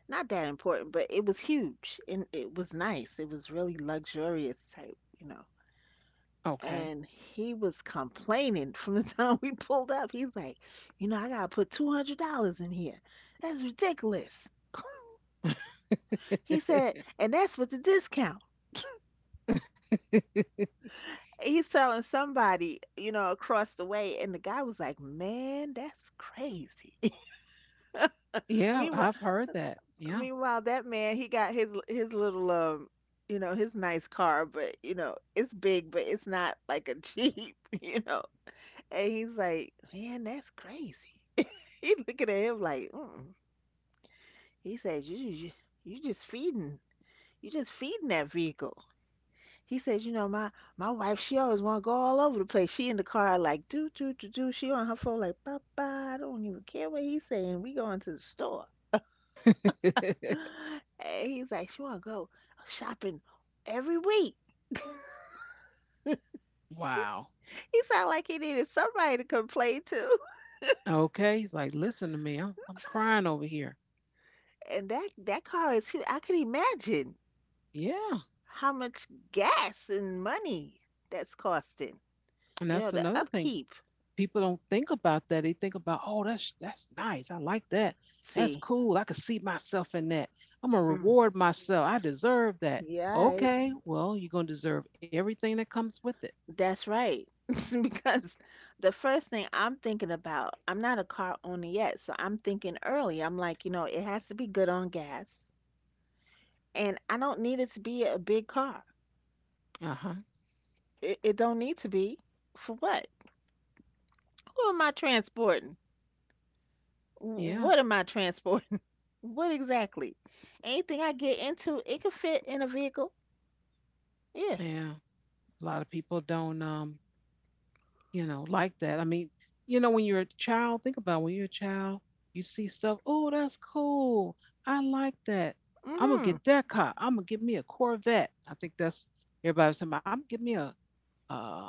B: not that important. But it was huge and it was nice. It was really luxurious type, you know.
A: Okay.
B: And he was complaining from the time we pulled up. He's like, you know, I gotta put $200 in here. That's ridiculous. He said, and that's with the discount. He's telling somebody, you know, across the way. And the guy was like, man, that's crazy.
A: Yeah,
B: Meanwhile,
A: I've heard that. Yeah.
B: meanwhile, that man he got his little you know, his nice car, but you know, it's big, but it's not like a Jeep, you know. And he's like, man, that's crazy. He's looking at him like, mm. He says, you just feeding, you just feeding that vehicle. He says, you know, my wife, she always want to go all over the place. She in the car like, do do do do. She on her phone like, papa, I don't even care what he's saying. We going to the store. And he's like, she wanna go shopping every week.
A: Wow.
B: He sounded like he needed somebody to complain to.
A: Okay. He's like, listen to me. I'm crying over here.
B: And that that car is huge. I can imagine
A: Yeah.
B: how much gas and money that's costing.
A: And
B: You
A: that's
B: know, the
A: another thing.
B: upkeep.
A: People don't think about that. They think about, oh, that's nice. I like that. That's
B: See.
A: cool. I could see myself in that. I'm gonna
B: Mm.
A: reward myself. I deserve that.
B: Yeah, I-
A: Okay, well, you're gonna deserve everything that comes with it.
B: that's right. Because the first thing I'm thinking about, I'm not a car owner yet, so I'm thinking early. I'm like, you know, it has to be good on gas, and I don't need it to be a big car.
A: Uh-huh.
B: It don't need to be. For what? Who am I transporting?
A: Yeah.
B: What am I transporting? What exactly? Anything I get into, it could fit in a vehicle. Yeah.
A: Yeah. A lot of people don't you know, like that. I mean, you know, when you're a child, think about when you're a child, you see stuff, oh, that's cool. I like that. I'm gonna
B: Mm-hmm.
A: get that car. I'm gonna get me a Corvette. I think that's everybody was talking about. I'm gonna get me a um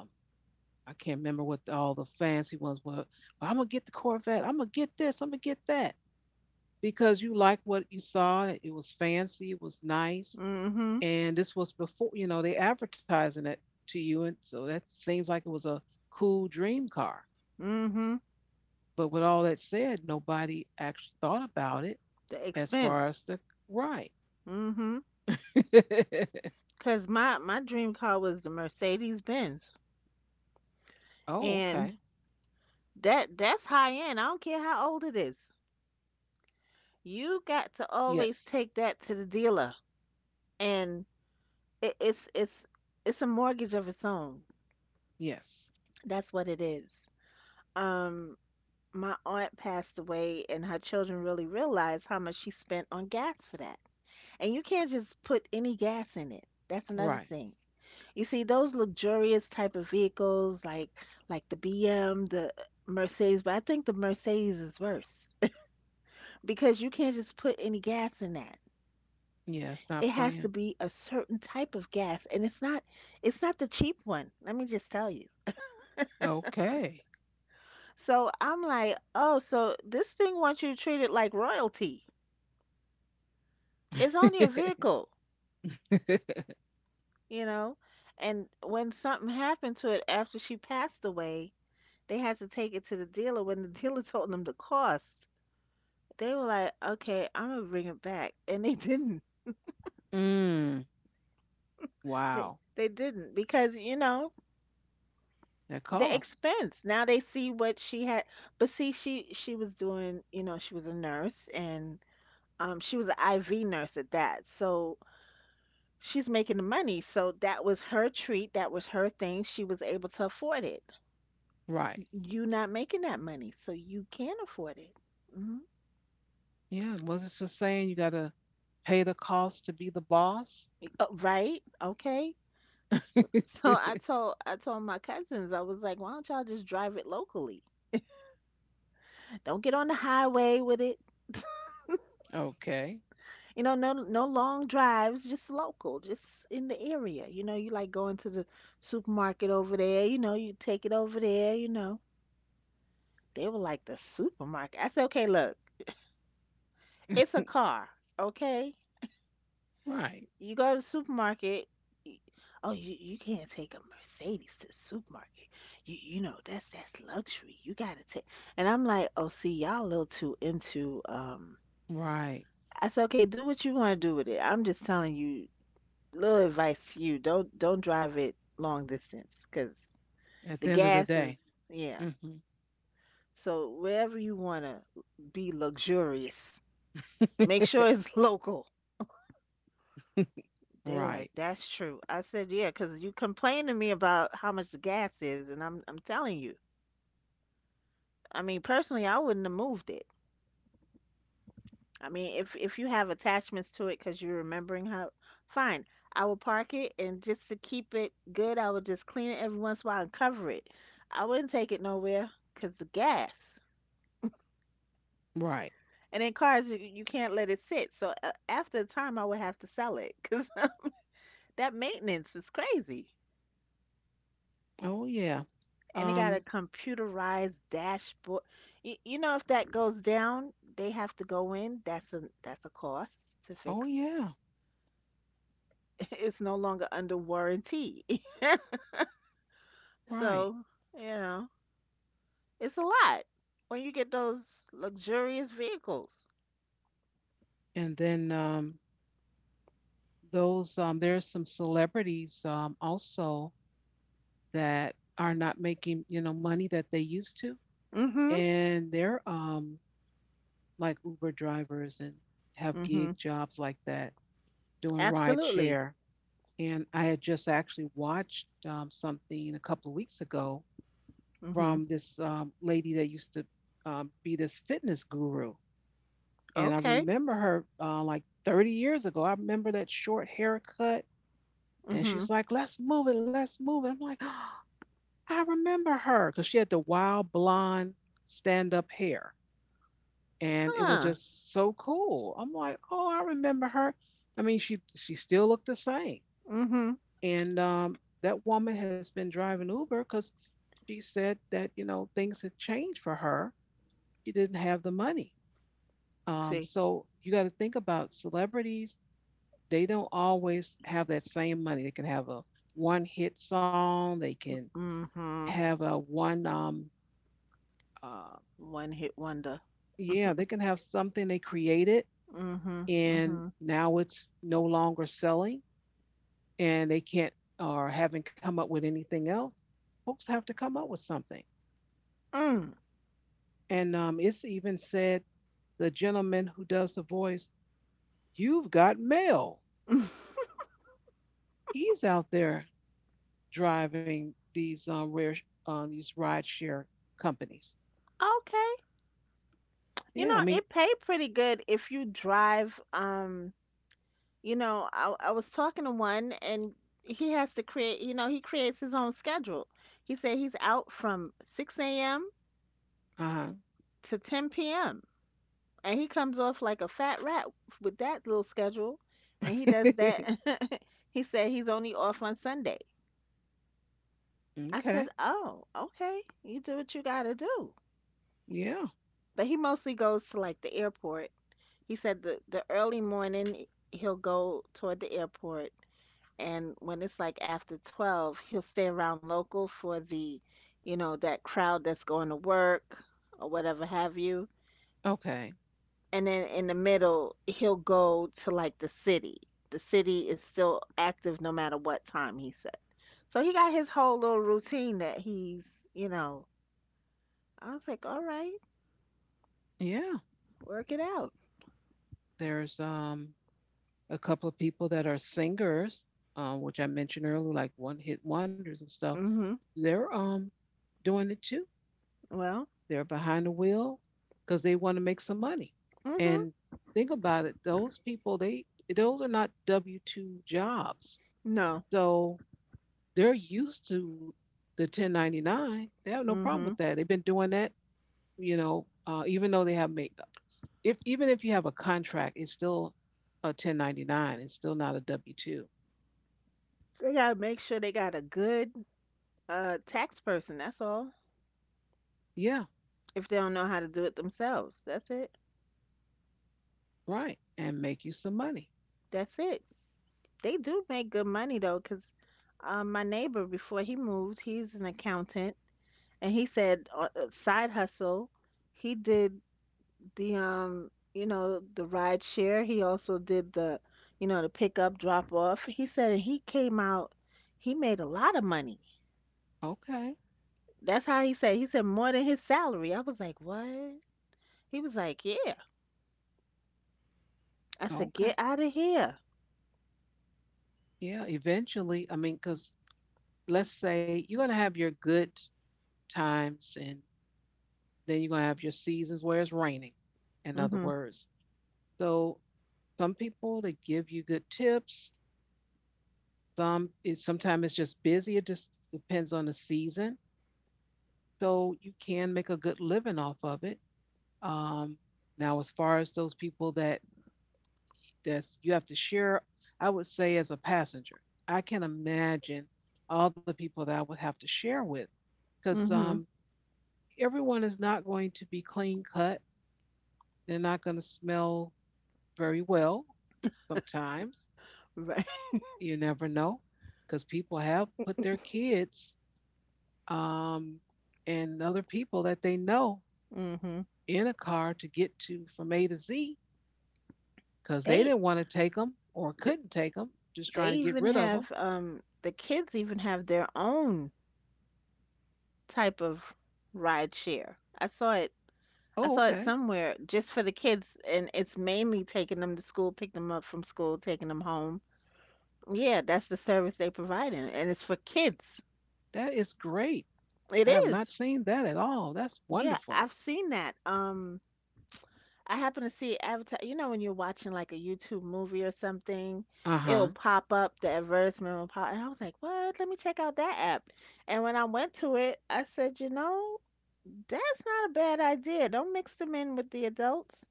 A: I can't remember what all the fancy ones were, but I'm gonna get the Corvette. I'm gonna get this. I'm gonna get that because you like what you saw. It was fancy. It was nice,
B: Mm-hmm.
A: and this was before you know they advertising it to you, and so that seems like it was a cool dream car.
B: Mm-hmm.
A: But with all that said, nobody actually thought about it
B: The
A: as
B: expense.
A: far as the right.
B: Mm-hmm. Cause my dream car was the Mercedes Benz,
A: Oh, okay.
B: and that's high end. I don't care how old it is. You got to always
A: Yes.
B: take that to the dealer, and it, it's a mortgage of its own.
A: Yes.
B: That's what it is. Um, my aunt passed away, and her children really realized how much she spent on gas for that. And you can't just put any gas in it. That's another
A: Right.
B: thing. You see, those luxurious type of vehicles, like the BM, the Mercedes, but I think the Mercedes is worse because you can't just put any gas in that.
A: Yeah, it's
B: It
A: not
B: has to
A: playing.
B: be a certain type of gas, and it's not the cheap one. Let me just tell you.
A: Okay.
B: So I'm like, oh, so this thing wants you to treat it like royalty. It's only a vehicle, you know. And when something happened to it after she passed away, they had to take it to the dealer. When the dealer told them the cost, they were like, "Okay, I'm gonna bring it back," and they didn't.
A: Mm, wow.
B: They didn't because you know
A: That
B: the
A: costs.
B: expense. Now they see what she had, but see, she was doing, you know, she was a nurse and she was an IV nurse at that, so. She's making the money, so that was her treat, that was her thing. She was able to afford it
A: Right.
B: you not making that money, so you can't afford it. Hmm.
A: Yeah. Was it so saying you got to pay the cost to be the boss?
B: Right? Okay. So I told my cousins, I was like, why don't y'all just drive it locally? Don't get on the highway with it.
A: Okay.
B: You know, no long drives, just local, just in the area. You know, you like going to the supermarket over there, you know, you take it over there, you know. They were like the supermarket. I said, okay, look, it's a car, okay?
A: Right.
B: You go to the supermarket. Oh, you can't take a Mercedes to the supermarket. You know that's luxury. You gotta take. And I'm like, oh, see, y'all a little too into.
A: Right.
B: I said, okay, do what you want to do with it. I'm just telling you, little advice to you. Don't drive it long distance because
A: At the
B: the
A: end of the
B: gas
A: day.
B: is yeah.
A: Hmm.
B: So wherever you wanna be luxurious, make sure it's local. They were like,
A: Right.
B: that's true. I said, yeah, because you complain to me about how much the gas is, and I'm telling you. I mean, personally, I wouldn't have moved it. I mean, if you have attachments to it because you're remembering how, fine. I would park it and just to keep it good, I would just clean it every once in a while and cover it. I wouldn't take it nowhere because the gas.
A: Right.
B: And in cars, you can't let it sit. So after a time, I would have to sell it because that maintenance is crazy.
A: Oh, yeah.
B: And it got
A: Um,
B: a computerized dashboard. You know, if that goes down, they have to go in. That's a cost to
A: oh
B: fix.
A: yeah,
B: It's no longer under warranty.
A: right.
B: So, you know, it's a lot when you get those luxurious vehicles.
A: And then those there are some celebrities also that are not making you know money that they used to,
B: Mhm.
A: and they're like Uber drivers and have gig
B: Mhm.
A: jobs like that, doing ride
B: Absolutely.
A: share. And I had just actually watched something a couple of weeks ago
B: Mhm.
A: from this lady that used to be this fitness guru. And I
B: Okay.
A: remember her like 30 years ago. I remember that short haircut. And
B: Mhm.
A: she's like, let's move it, let's move it. I'm like, I remember her because she had the wild blonde stand up hair. And it was
B: Huh.
A: just so cool. I'm like, oh, I remember her. I mean, she still looked the same.
B: Mhm.
A: And that woman has been driving Uber because she said that, you know, things had changed for her. She didn't have the money.
B: See.
A: So you got to think about celebrities, they don't always have that same money. They can have a one hit song. They can
B: Mhm.
A: have a one uh,
B: One hit wonder.
A: yeah. They can have something they created
B: Mhm.
A: and
B: Mhm.
A: now it's no longer selling and they can't or haven't come up with anything else. Folks have to come up with something.
B: Mm.
A: And it's even said the gentleman who does the voice, you've got mail. He's out there driving these rare these ride share companies.
B: Okay.
A: Yeah,
B: You
A: I
B: know,
A: mean,
B: it paid pretty good if you drive you know, I was talking to one and he has to create, you know, he creates his own schedule. He said he's out from 6 a.m.
A: uh.
B: to 10 p.m. And he comes off like a fat rat with that little schedule. And he does that. He said he's only off on Sunday. I
A: Okay.
B: said, oh, okay. You do what you got to do.
A: Yeah.
B: But he mostly goes to like the airport. He said the early morning he'll go toward the airport, and when it's like after 12 he'll stay around local for the that crowd that's going to work or whatever have you.
A: Okay.
B: And then in the middle he'll go to like the city. The city is still active no matter what time, he said. So he got his whole little routine that he's you know I was like, all right,
A: Yeah.
B: work it out.
A: There's a couple of people that are singers, which I mentioned earlier, like one hit wonders and stuff.
B: Mhm.
A: They're doing it too.
B: Well.
A: They're behind the wheel because they want to make some money.
B: Mhm.
A: And think about it, those people, they those are not W two jobs.
B: No.
A: So they're used to the 1099. They have no problem with
B: Mhm.
A: that. They've been doing that you know, even though they have made if even if you have a contract, it's still a 1099. It's still not a W two.
B: They gotta make sure they got a good tax person, that's all,
A: Yeah,
B: if they don't know how to do it themselves. That's it.
A: right. And make you some money.
B: That's it. They do make good money though, 'cause my neighbor before he moved, he's an accountant, and he said side hustle. He did the the ride share. He also did the, the pickup drop off. He said he came out, he made a lot of money.
A: Okay,
B: That's how he said. He said more than his salary. I was like, what? He was like, yeah. I said,
A: okay.
B: get out of here.
A: Yeah, eventually. I mean, because let's say you're gonna have your good times, and then you're gonna have your seasons where it's raining. In other
B: Mhm.
A: words, so some people they give you good tips. Some it sometimes it's just busy. It just depends on the season. So you can make a good living off of it. Um, Now, as far as those people that that's you have to share, I would say as a passenger, I can imagine all the people that I would have to share with, because
B: Mhm.
A: everyone is not going to be clean cut. They're not going to smell very well. Sometimes
B: Right.
A: you never know, because people have put their kids um, and other people that they know
B: Mhm.
A: in a car to get to from A to Z because they
B: They
A: didn't want to take them or
B: th-
A: couldn't take them, just
B: they
A: trying to get
B: even
A: rid of
B: have
A: them.
B: the kids even have their own type of ride share. I saw it.
A: Oh,
B: I saw it
A: okay.
B: somewhere, just for the kids, and it's mainly taking them to school, pick them up from school, taking them home. Yeah, that's the service they provide, and it's for kids.
A: That is great. I
B: It
A: have not
B: is.
A: seen that at all. That's
B: Yeah,
A: wonderful.
B: I've seen that. I happen to see advertise. You know, when you're watching like a YouTube movie or something,
A: Uh huh.
B: it'll pop up, the advertisement will pop, and I was like, "What? Let me check out that app." And when I went to it, I said, "You know, that's not a bad idea. Don't mix them in with the adults."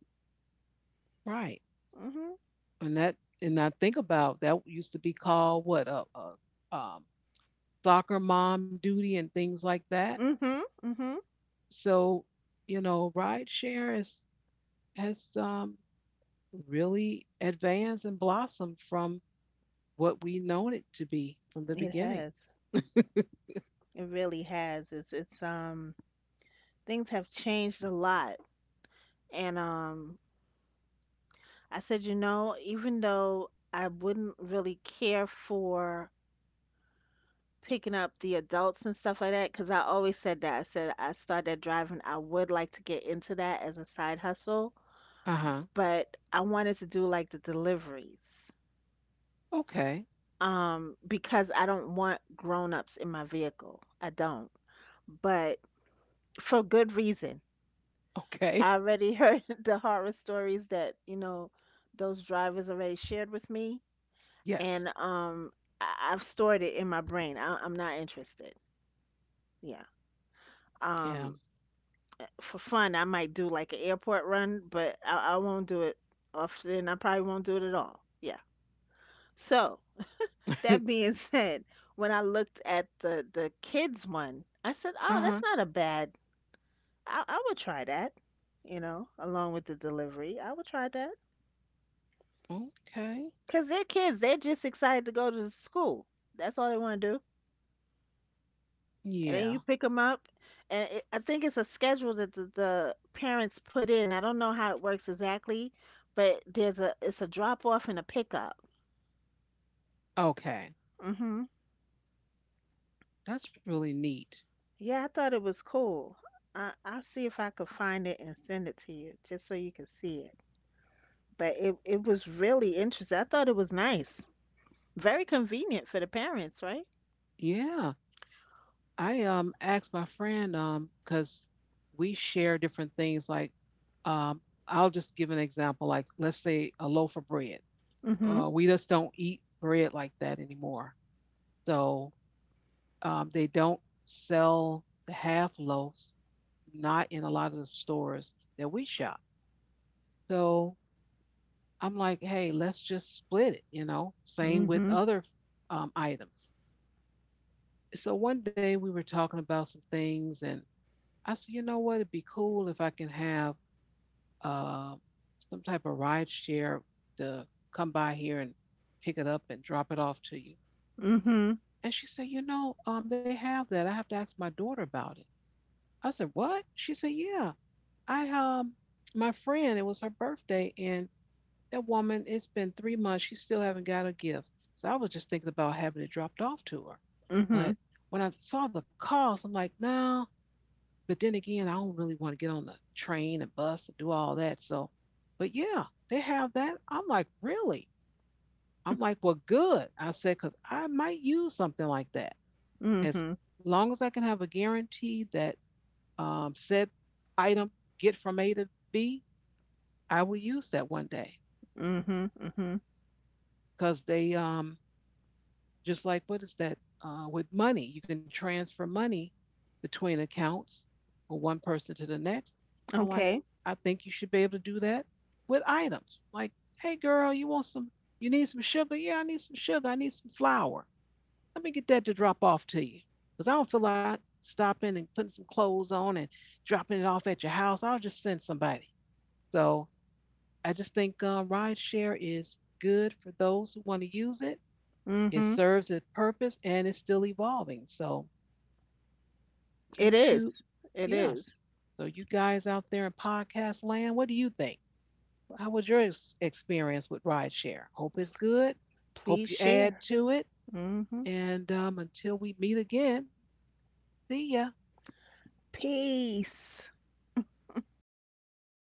A: Right.
B: Mhm.
A: And that, and I think about that used to be called what a soccer mom duty and things like that.
B: Mhm. Mhm.
A: So, you know, ride share is, has really advanced and blossomed from what we known it to be from the
B: It
A: beginning.
B: has. It really has. It's things have changed a lot, and I said, you know, even though I wouldn't really care for picking up the adults and stuff like that, because I always said that. I said, I started driving, I would like to get into that as a side hustle,
A: Uh huh.
B: but I wanted to do like the deliveries.
A: Okay.
B: Because I don't want grown-ups in my vehicle. I don't. But for good reason.
A: Okay.
B: I already heard the horror stories that, you know, those drivers already shared with me, and
A: Yes.
B: I've stored it in my brain. I'm not interested. Yeah.
A: Yeah.
B: Um, for fun, I might do like an airport run, but I won't do it often. I probably won't do it at all. Yeah. So that being said, when I looked at the kids one, I said, "Oh,
A: Uh-huh.
B: that's not a bad. I would try that. You know, along with the delivery, I would try that
A: Okay.
B: because they're kids. They're just excited to go to the school. That's all they want to do. And
A: Yeah.
B: then you pick them up, and I think it's a schedule that the parents put in. I don't know how it works exactly, but there's a it's a drop off and a pickup.
A: Okay.
B: Hmm.
A: That's really neat.
B: Yeah, I thought it was cool. I'll see if I could find it and send it to you just so you can see it, but it was really interesting. I thought it was nice, very convenient for the parents, right?
A: Yeah. I asked my friend because we share different things like um I'll just give an example like let's say a loaf of bread.
B: Mm-hmm.
A: We just don't eat bread like that anymore. So they don't sell the half loaves, not in a lot of the stores that we shop. So I'm like, hey, let's just split it, you know, same with
B: Mm-hmm.
A: other items. So one day we were talking about some things, and I said, you know what, it'd be cool if I can have uh, some type of ride share to come by here and pick it up and drop it off to you.
B: Mm-hmm.
A: And she said, you know, they have that. I have to ask my daughter about it. I said, what? She said, yeah. I my friend, it was her birthday, and that woman, it's been 3 months. She still haven't got a gift. So I was just thinking about having it dropped off to her.
B: Mm-hmm.
A: But when I saw the cost, I'm like, no. But then again, I don't really want to get on the train and bus and do all that. So, but yeah, they have that. I'm like, really? I'm like, well, good. I said, because I might use something like that.
B: Mm-hmm.
A: As long as I can have a guarantee that said item get from A to B, I will use that one day
B: Mm-hmm. Mm-hmm.
A: because they just like what is that with money? You can transfer money between accounts or one person to the next. I'm like,
B: Okay.
A: I think you should be able to do that with items. Like, hey girl, you want some? You need some sugar? Yeah, I need some sugar. I need some flour. Let me get that to drop off to you. Cause I don't feel like stopping and putting some clothes on and dropping it off at your house. I'll just send somebody. So I just think ride is good for those who want to use it. It
B: Mm-hmm.
A: serves its purpose and it's still evolving. So
B: It
A: YouTube,
B: is. It
A: yes.
B: is.
A: So you guys out there in podcast land, what do you think? How was your experience with rideshare? Hope it's good.
B: Please
A: Hope you add
B: share.
A: to it.
B: Hmm.
A: And until we meet again, see ya.
B: Peace.